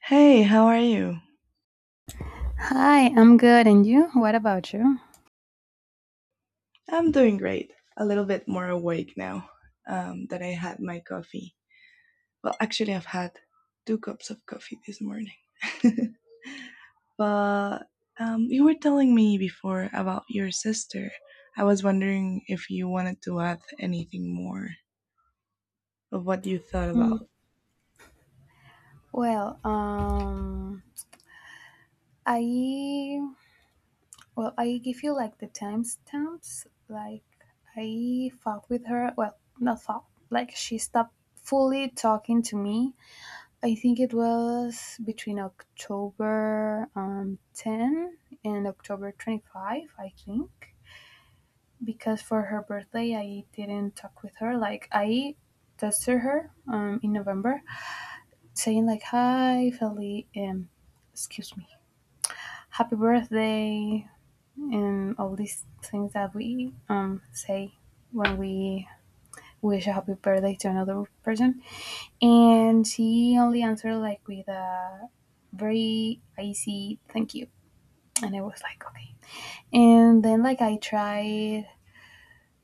Hey, how are you? Hi, I'm good. And you? What about you? I'm doing great. A little bit more awake now that I had my coffee. Well, actually, I've had two cups of coffee this morning. but You were telling me before about your sister. I was wondering if you wanted to add anything more of what you thought Mm. about. Well, I well, I give you like the timestamps. Like I fought with her. Well, not fought. Like she stopped fully talking to me. I think it was between October ten and October 25, I think, because for her birthday I didn't talk with her. I tested her in November saying like hi Feliz excuse me, happy birthday, and all these things that we say when we wish a happy birthday to another person. And she only answered like with a very icy thank you, and I was like okay. And then like I tried,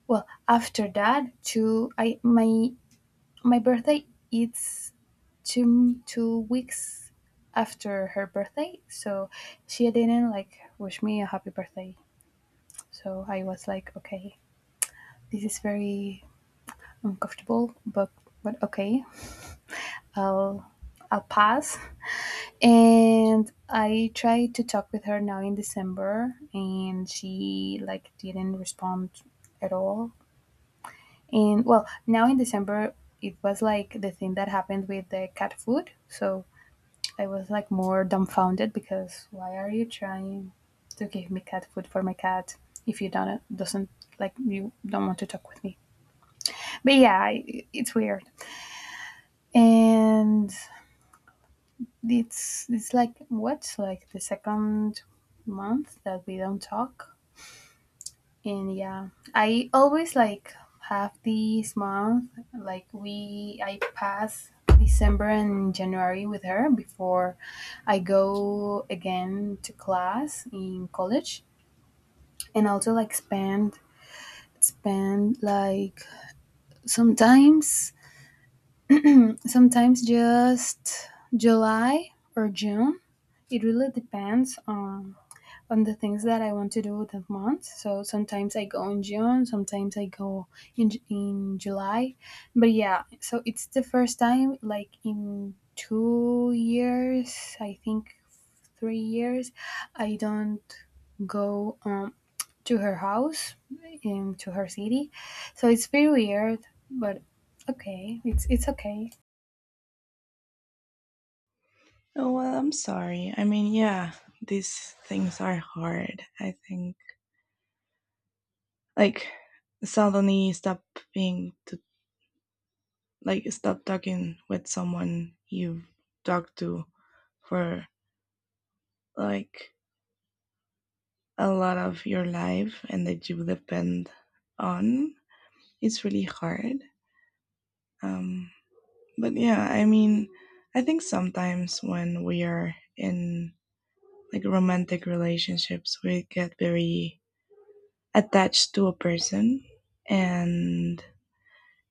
well, after that to I my my birthday, it's two two weeks after her birthday, so she didn't like wish me a happy birthday. So I was like, okay, this is very uncomfortable, but okay, i'll I'll pass. And I tried to talk with her now in December and she like didn't respond at all. And well, now in December it was like the thing that happened with the cat food. So I was like more dumbfounded because why are you trying to give me cat food for my cat if you don't doesn't like you don't want to talk with me? But yeah, I- it's weird, and it's like what like the second month that we don't talk. And yeah, I always like have this month like we I pass December and January with her before I go again to class in college, and also like spend like sometimes sometimes just July or June. It really depends on the things that I want to do that month. So sometimes I go in June, sometimes I go in July. But yeah, so it's the first time like in 2 years, I think 3 years, I don't go to her house in to her city. So it's very weird, but okay, it's okay. Oh, well, I'm sorry. I mean, yeah, these things are hard. I think like suddenly stop being to like stop talking with someone you've talked to for like a lot of your life and that you depend on it's really hard. Um, but yeah, I mean, I think sometimes when we are in like romantic relationships, we get very attached to a person. And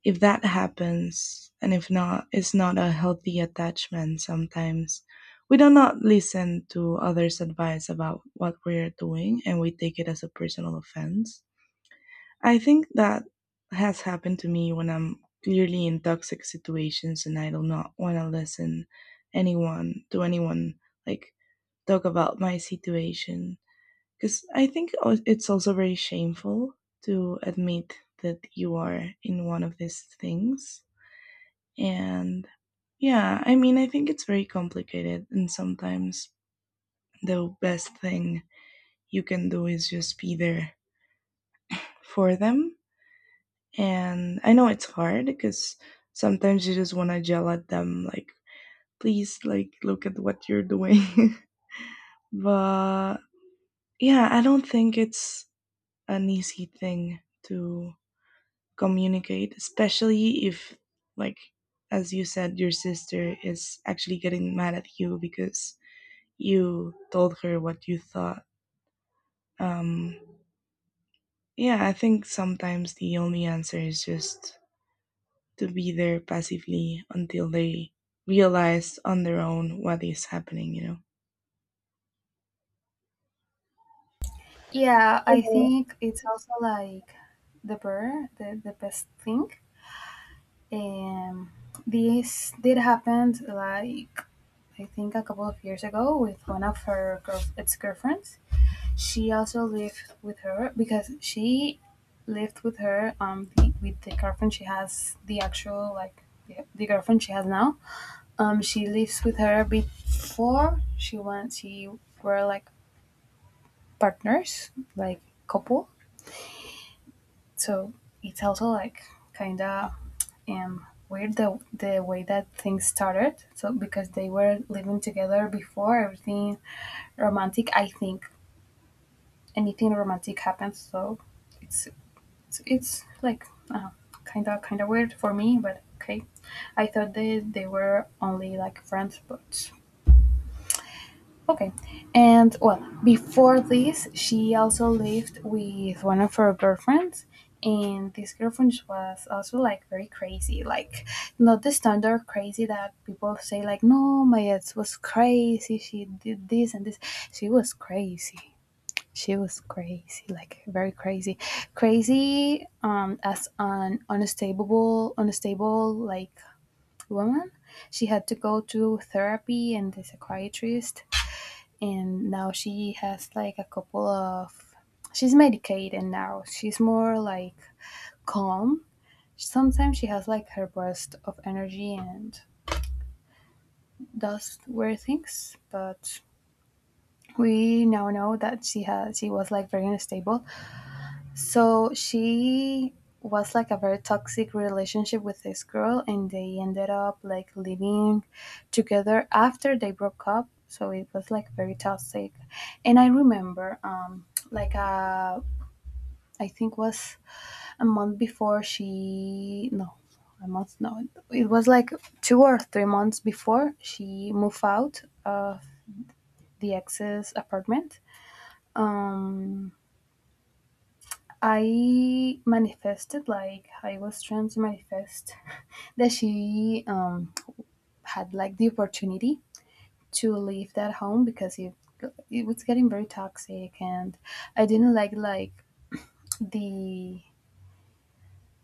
if that happens, and if not, it's not a healthy attachment sometimes. We do not listen to others' advice about what we're doing and we take it as a personal offense. I think that has happened to me when I'm clearly in toxic situations and I do not want to listen anyone to anyone like talk about my situation because I think it's also very shameful to admit that you are in one of these things and yeah, I mean I think it's very complicated and sometimes the best thing you can do is just be there for them and I know it's hard because sometimes you just want to yell at them, like, please, like, look at what you're doing. but yeah, I don't think it's an easy thing to communicate, especially if, like, as you said, your sister is actually getting mad at you because you told her what you thought. Um, yeah, I think sometimes the only answer is just to be there passively until they realize on their own what is happening, you know? Yeah, I Yeah. think it's also like the best thing. Um, this did happen like I think a couple of years ago with one of her ex girlfriends. She also lived with her because she lived with her with the girlfriend she has, the actual like the girlfriend she has now. She lives with her before she went. She were like partners, like couple, so it's also like kind of weird the way that things started. So because they were living together before everything romantic, I think, anything romantic happens. So it's it's like kind of weird for me, but okay. I thought they were only like friends, but okay. And well, before this, she also lived with one of her girlfriends. And this girlfriend was also like very crazy, like not the standard crazy that people say, like, no, my ex was crazy, she did this and this. She was crazy. She was crazy, like very crazy. Crazy as an unstable, unstable like woman. She had to go to therapy and the psychiatrist, and now she has like a couple of, she's medicated, now she's more like calm, sometimes she has like her burst of energy and does weird things, but we now know that she has, she was like very unstable. So she was like a very toxic relationship with this girl, and they ended up like living together after they broke up. So it was like very toxic. And I remember, like I think was a month before she, no, a month, no, it was like 2 or 3 months before she moved out of the ex's apartment. Um, I manifested like I was trying to manifest that she had like the opportunity to leave that home because it was getting very toxic, and I didn't like the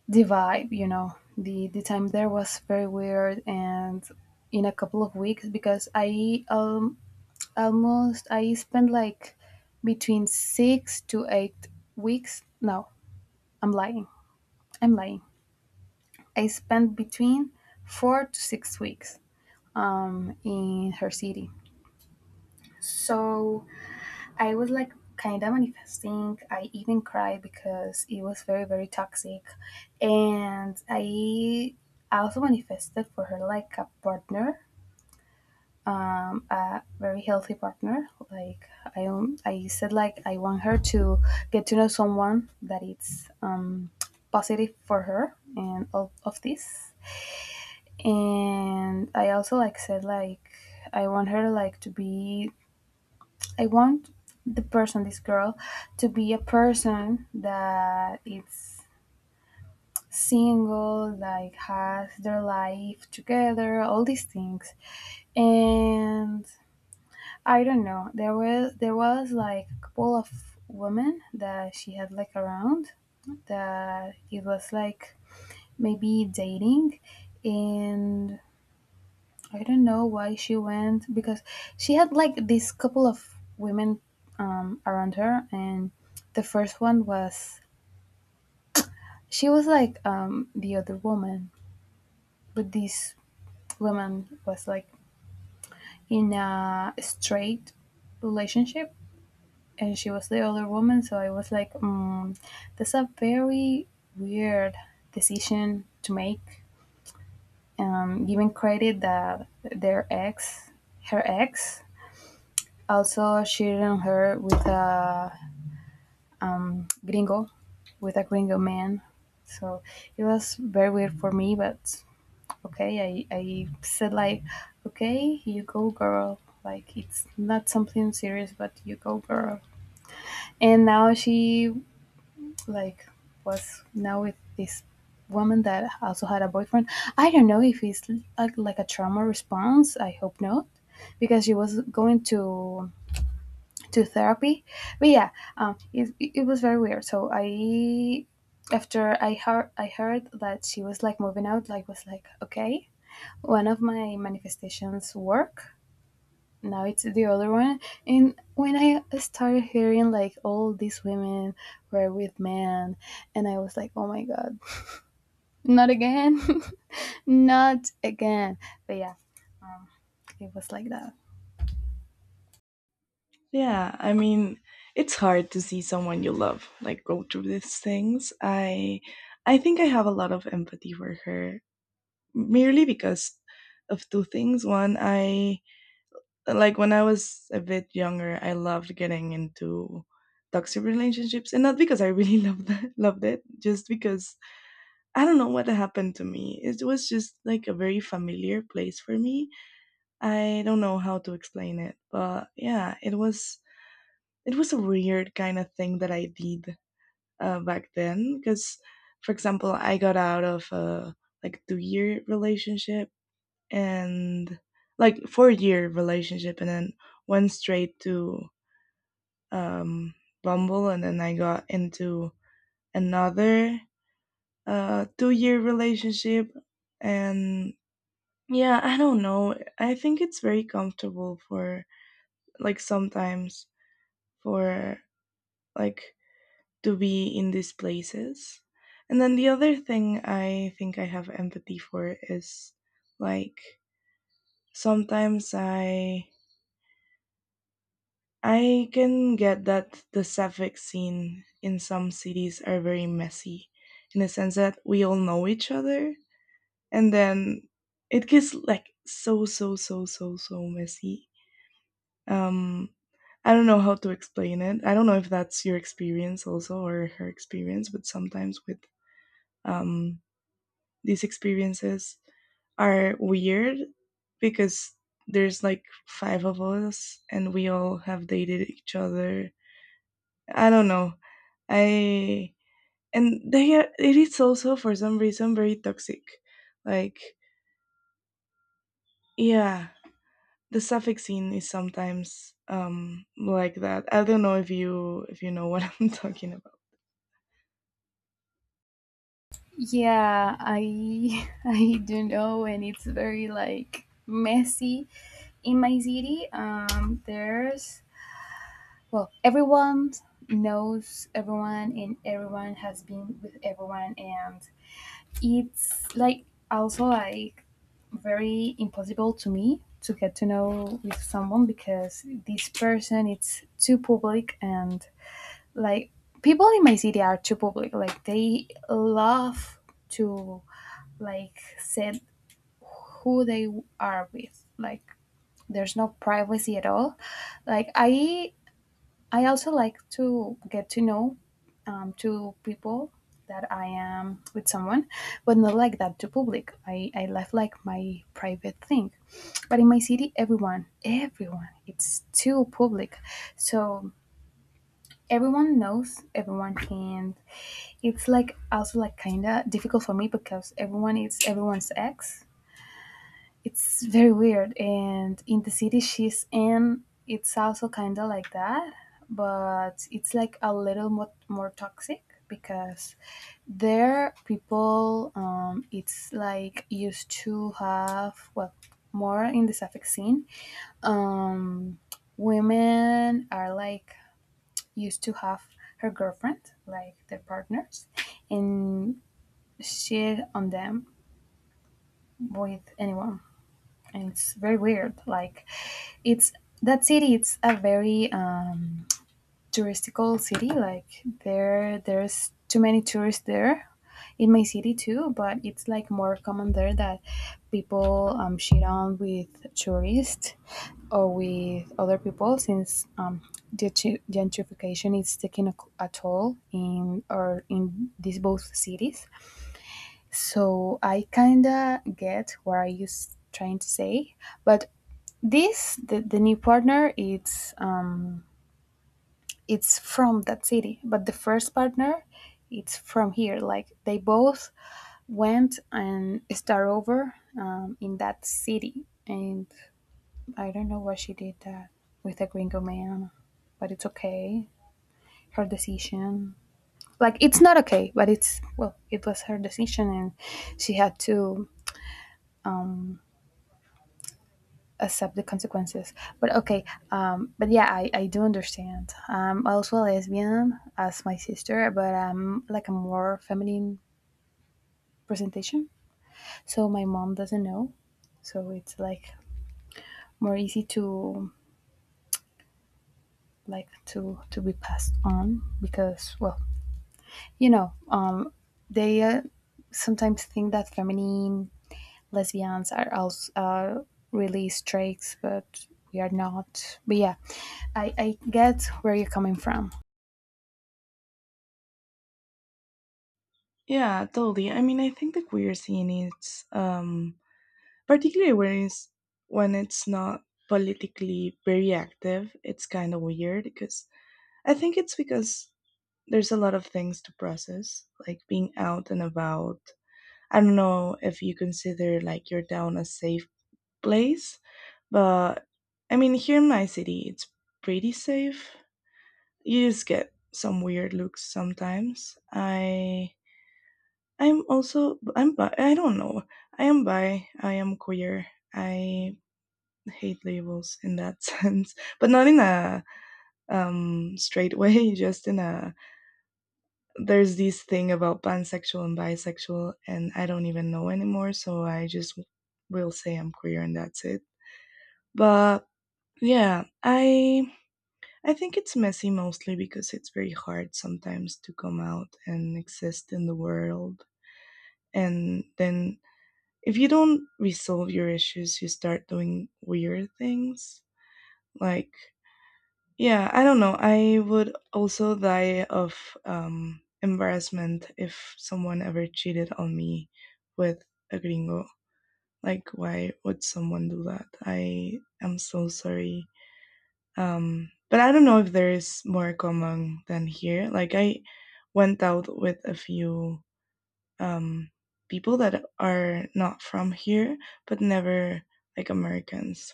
the vibe, you know. The time there was very weird. And in a couple of weeks, because I almost I spent like between 6 to 8 weeks. No, I'm lying. I'm lying, I spent between 4 to 6 weeks in her city. So I was like kind of manifesting. I even cried because it was very, very toxic. And I also manifested for her like a partner, a very healthy partner. Like I, I said, like, I want her to get to know someone that it's positive for her and all of this. And I also like said like I want her like to be, I want the person, this girl, to be a person that it's single, like has their life together, all these things. And I don't know, there was like a couple of women that she had like around that it was like maybe dating. And I don't know why she went, because she had like this couple of women around her, and the first one was, she was like the other woman, but this woman was like in a straight relationship, and she was the other woman. So I was like, mm, that's a very weird decision to make, given credit that their ex, her ex, also sharing her with a gringo, with a gringo man. So it was very weird for me, but okay, I said like, okay, you go, girl. Like it's not something serious, but you go, girl. And now she like was now with this woman that also had a boyfriend. I don't know if it's like a trauma response. I hope not, because she was going to therapy. But yeah, it, it was very weird. So I, after I heard, I heard that she was like moving out, like was like okay, one of my manifestations work. Now it's the other one. And when I started hearing like all these women were with men, and I was like, oh my god, not again, not again. But yeah, um, it was like that. Yeah, I mean, it's hard to see someone you love like go through these things. I think I have a lot of empathy for her merely because of two things. One, I like when I was a bit younger, I loved getting into toxic relationships and not because I really loved that, loved it, just because I don't know what happened to me. It was just like a very familiar place for me. I don't know how to explain it, but yeah, it was a weird kind of thing that I did back then. Because, for example, I got out of a like 2 year relationship and like 4 year relationship, and then went straight to um, Bumble, and then I got into another 2 year relationship and yeah, I don't know. I think it's very comfortable for like sometimes for like to be in these places. And then the other thing I think I have empathy for is like sometimes I can get that the sapphic scene in some cities are very messy in the sense that we all know each other and then it gets like so so so so so messy. Um, I don't know how to explain it. I don't know if that's your experience also or her experience, but sometimes with um, these experiences are weird because there's like five of us and we all have dated each other. I don't know. I and they are, it is also for some reason very toxic. Like yeah, the Suffolk scene is sometimes like that. I don't know if you know what I'm talking about. Yeah, I I don't know, and it's very like messy in my city. There's, well, everyone knows everyone, and everyone has been with everyone, and it's like also like very impossible to me to get to know with someone because this person it's too public. And like people in my city are too public. Like they love to like said who they are with, like there's no privacy at all. Like I also like to get to know to people that I am with someone, but not like that to public, I left like my private thing. But in my city everyone it's too public. So everyone knows everyone, and it's like also like kind of difficult for me because everyone is everyone's ex. It's very weird. And in the city she's in, it's also kind of like that, but it's like a little more, more toxic because there people, it's like used to have, well, more in the Suffolk scene. Um, women are like used to have her girlfriend, like their partners, and shit on them with anyone. And it's very weird. Like, it's that city. It's a very touristical city. Like there, there's too many tourists there. In my city too, but it's like more common there that people shit on with tourists or with other people since gentrification is taking a toll in or in these both cities. So I kinda get what are you trying to say, but this the new partner it's from that city, but the first partner it's from here. Like they both went and start over in that city, and I don't know why she did that with a gringo man, but it's okay. Her decision. Like it's not okay, but it's, well, it was her decision, and she had to accept the consequences. But okay, but yeah, I do understand. I'm also a lesbian as my sister, but I'm like a more feminine presentation. So my mom doesn't know. So it's like more easy to like to be passed on because, well, you know, they sometimes think that feminine lesbians are also really straight, but we are not. But yeah, I get where you're coming from. Yeah, totally. I mean, I think the queer scene is particularly when it's not politically very active. It's kind of weird because I think it's because there's a lot of things to process, like being out and about. I don't know if you consider like your town a safe place, but I mean, here in my city, it's pretty safe, you just get some weird looks sometimes. I I'm also I'm bi. I don't know. I am bi. I am queer. I hate labels in that sense, but not in a straight way. Just in a there's this thing about pansexual and bisexual, and I don't even know anymore. So I just will say I'm queer, and that's it. But yeah, I think it's messy mostly because it's very hard sometimes to come out and exist in the world. And then if you don't resolve your issues, you start doing weird things. Like, yeah, I don't know. I would also die of embarrassment if someone ever cheated on me with a gringo. Like, why would someone do that? I am so sorry. But I don't know if there is more common than here. Like I went out with a few um, people that are not from here, but never like Americans.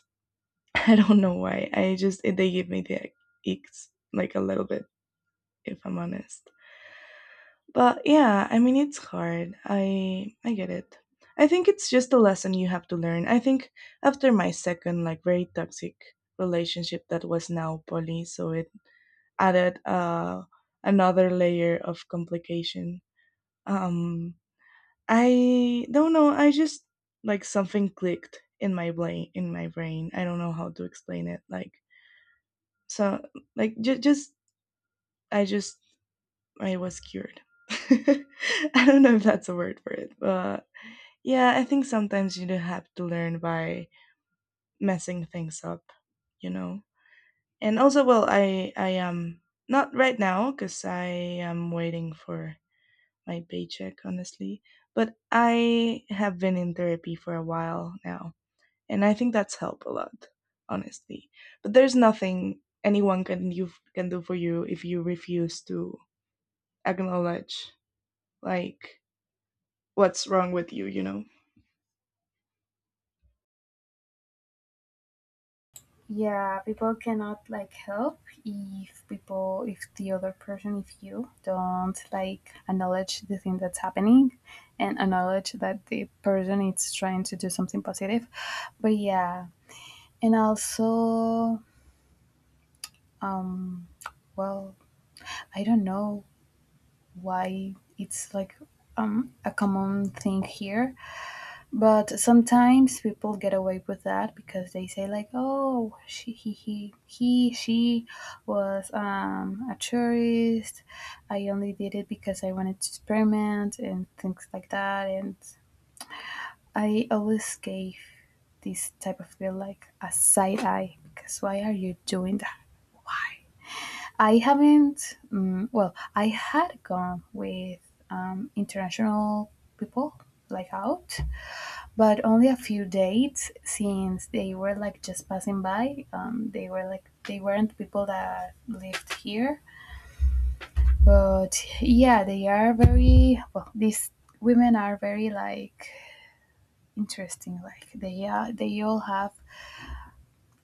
I don't know why. I just it, they give me the icks like a little bit, if I'm honest. But yeah, I mean it's hard. I get it. I think it's just a lesson you have to learn. I think after my second like very toxic relationship that was now poly, so it added another layer of complication. Um, I don't know. I just like something clicked in my brain. In my brain, I don't know how to explain it. Like so, like just I was cured. I don't know if that's a word for it, but yeah, I think sometimes you do have to learn by messing things up, you know. And also, well, I am not right now because I am waiting for my paycheck, honestly. But I have been in therapy for a while now, and I think that's helped a lot, honestly. But there's nothing anyone can you can do for you if you refuse to acknowledge like what's wrong with you, you know. Yeah, people cannot like help if people, if the other person, if you don't like acknowledge the thing that's happening and acknowledge that the person is trying to do something positive. But yeah, and also, um well, I don't know why it's like a common thing here. But sometimes people get away with that because they say like, "Oh, she, he, she was a tourist. I only did it because I wanted to experiment and things like that." And I always gave this type of feel like a side eye because why are you doing that? I haven't. Well, I had gone with international people like out, but only a few dates since they were like just passing by. They were like they weren't people that lived here, but yeah, they are very well. These women are very like interesting. Like they are, they all have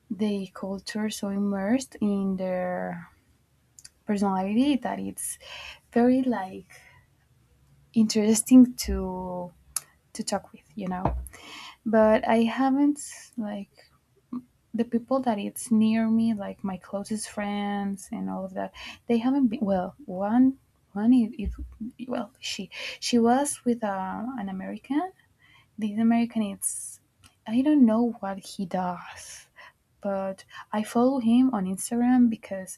the culture so immersed in their personality that it's very like interesting to talk with, you know. But I haven't like, the people that it's near me, like my closest friends and all of that, they haven't been. Well, one, is, it well, she was with an American. This American, it's, I don't know what he does, but I follow him on Instagram because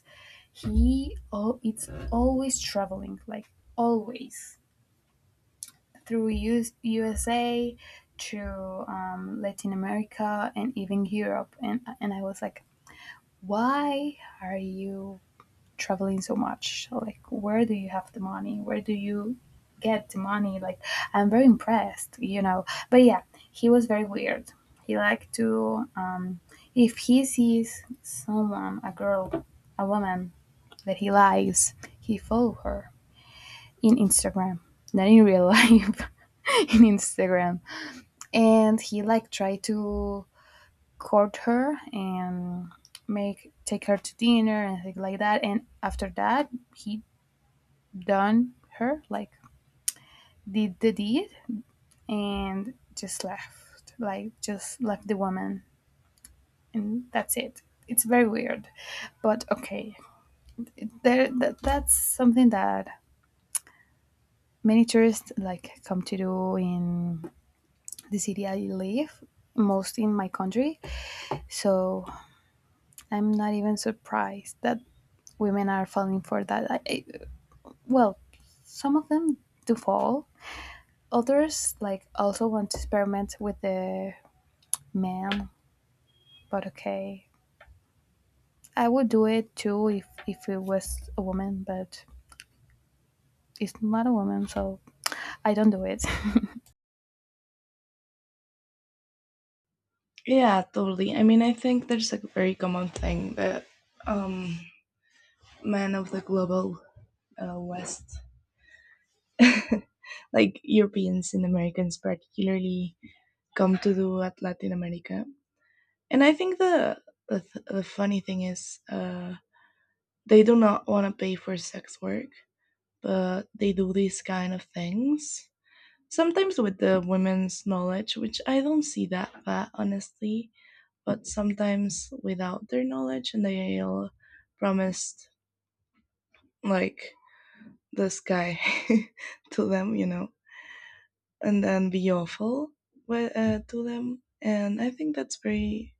he, oh, it's always traveling, like always through US, USA to Latin America and even Europe, and I was like, why are you traveling so much? Like, where do you have the money? Where do you get the money? Like, I'm very impressed, you know. But yeah, he was very weird. He liked to, if he sees someone, a girl, a woman that he likes, he follow her in Instagram, not in real life, in Instagram, and he like try to court her and make take her to dinner and things like that. And after that, he done her like did the deed and just left, like just left the woman, and that's it. It's very weird, but okay. There, that, that's something that many tourists like come to do in the city I live, most in my country. So I'm not even surprised that women are falling for that. Well, some of them do fall. Others like also want to experiment with the man, but okay. I would do it too if it was a woman, but it's not a woman, so I don't do it. Yeah, totally. I mean, I think there's a very common thing that um men of the global West, like Europeans and Americans particularly, come to do at Latin America. And I think the funny thing is, they do not want to pay for sex work, but they do these kind of things sometimes with the women's knowledge, which I don't see that bad honestly. But sometimes without their knowledge, and they'll promise like this guy to them, you know, and then be awful with, to them. And I think that's very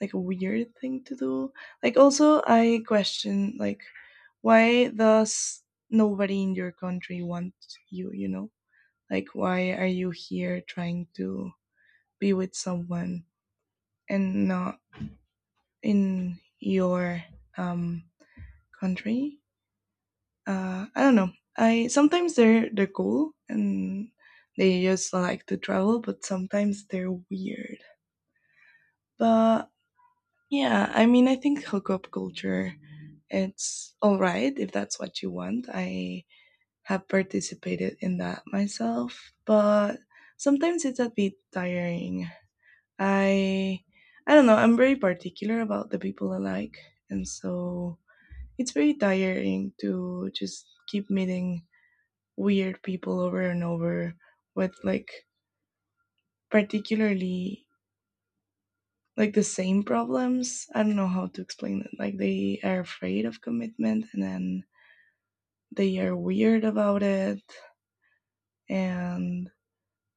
like a weird thing to do. Like also I question like why does nobody in your country want you, you know? Like why are you here trying to be with someone and not in your um country? I don't know. I sometimes they're cool and they just like to travel, but sometimes they're weird. But yeah, I mean, I think hookup culture, it's all right if that's what you want. I have participated in that myself, but sometimes it's a bit tiring. I I don't know, I'm very particular about the people I like, and so it's very tiring to just keep meeting weird people over and over with like particularly like the same problems. I don't know how to explain it. Like they are afraid of commitment and then they are weird about it and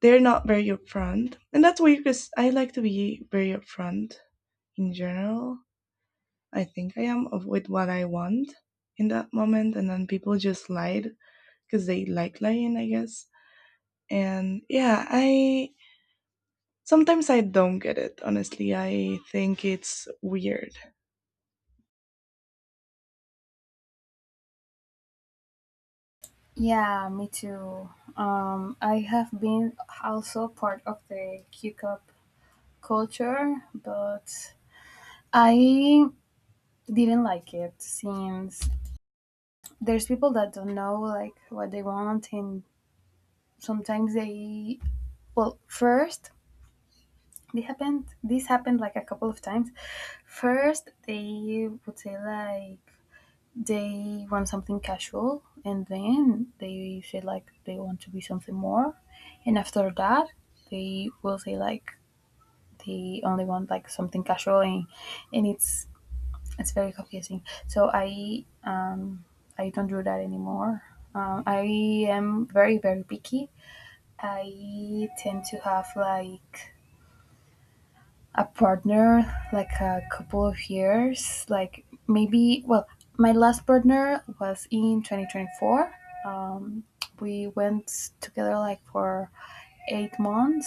they're not very upfront. And that's weird because I like to be very upfront in general. I think I am of with what I want in that moment and then people just lied because they like lying, I guess. And yeah, I sometimes I don't get it, honestly. I think it's weird. Yeah, me too. I have been also part of the Q cup culture, but I didn't like it since there's people that don't know like what they want, and sometimes they well first, they happened this happened like a couple of times. First they would say like they want something casual, and then they say like they want to be something more, and after that they will say like they only want like something casual, and it's very confusing. So I I don't do that anymore. I am very picky. I tend to have like a partner, like a couple of years, like maybe, well, my last partner was in 2024. Um, we went together like for 8 months,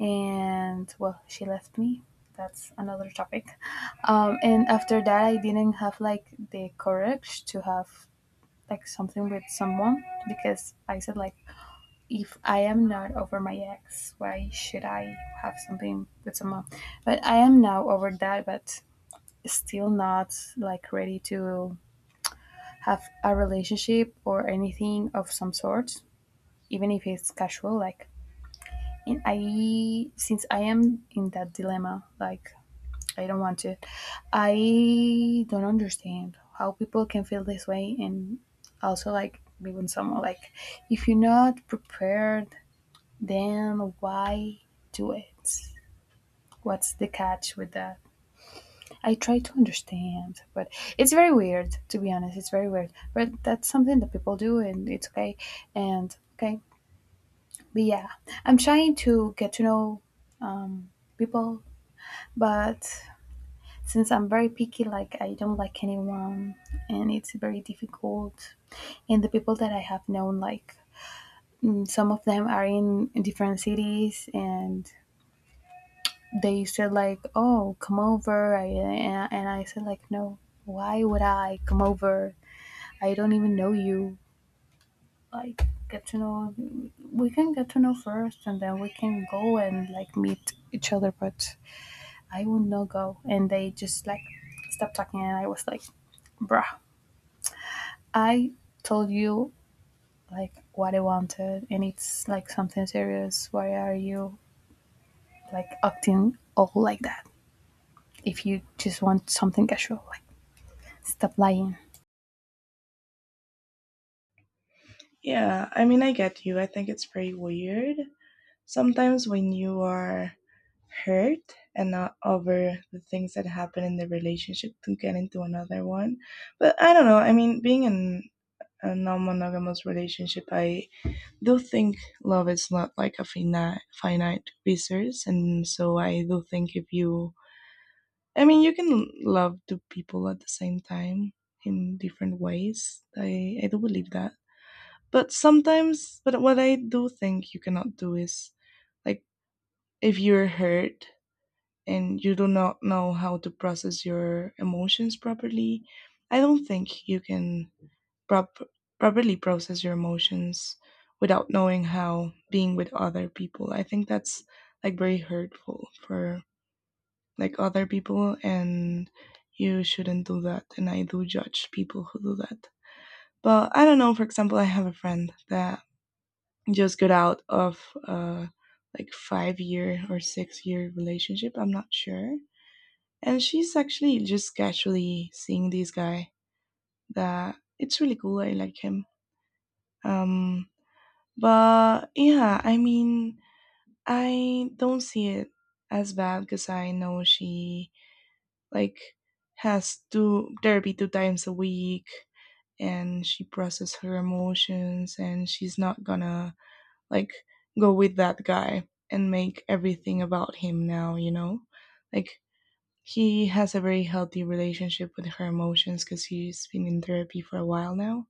and, well, she left me. That's another topic. And after that, I didn't have like the courage to have like something with someone because I said, like, if I am not over my ex, why should I have something with someone? But I am now over that, but still not like ready to have a relationship or anything of some sort, even if it's casual. Like, and I, since I am in that dilemma, like, I don't want to, I don't understand how people can feel this way and also like be with someone. Like, if you're not prepared, then why do it? What's the catch with that? I try to understand, but it's very weird, to be honest. It's very weird. But that's something that people do, and it's okay. And okay. But yeah, I'm trying to get to know um, people, but since I'm very picky, like I don't like anyone, and it's very difficult. And the people that I have known, like some of them are in different cities, and they said like, "Oh, come over," and I said like, "No, why would I come over? I don't even know you. Like, get to know. We can get to know first, and then we can go and like meet each other." But I will not go, and they just like stopped talking, and I was like, "Bruh, I told you like what I wanted, and it's like something serious. Why are you like acting all like that? If you just want something casual, like stop lying." Yeah, I mean, I get you. I think it's pretty weird. Sometimes when you are hurt and not over the things that happen in the relationship to get into another one. But I don't know. I mean, being in a non monogamous relationship, I do think love is not like a finite resource, and so I do think if you I mean you can love two people at the same time in different ways, I do believe that. But sometimes but what I do think you cannot do is like if you're hurt and you do not know how to process your emotions properly, I don't think you can prop- properly process your emotions without knowing how being with other people. I think that's like very hurtful for like other people and you shouldn't do that and I do judge people who do that. But I don't know, for example, I have a friend that just got out of a like 5 year or 6 year relationship, I'm not sure, and she's actually just casually seeing this guy that it's really cool, I like him. um But yeah, I mean, I don't see it as bad because I know she like has two therapy 2 times a week and she processes her emotions and she's not gonna like go with that guy and make everything about him now, you know? Like he has a very healthy relationship with her emotions because he's been in therapy for a while now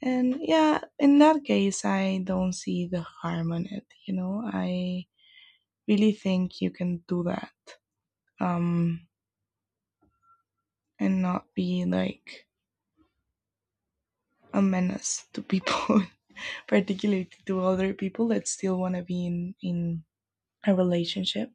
and yeah, in that case, I don't see the harm in it. You know, I really think you can do that um, and not be like a menace to people, particularly to other people that still want to be in a relationship.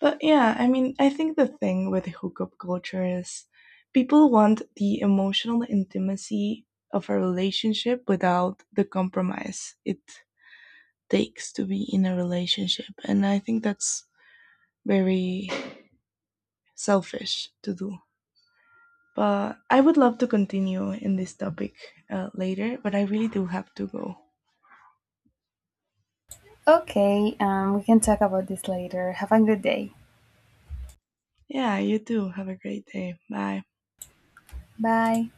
But yeah, I mean, I think the thing with hookup culture is people want the emotional intimacy of a relationship without the compromise it takes to be in a relationship. And I think that's very selfish to do. But I would love to continue in this topic later, but I really do have to go. Okay, we can talk about this later. Have a good day. Yeah, you too. Have a great day. Bye. Bye.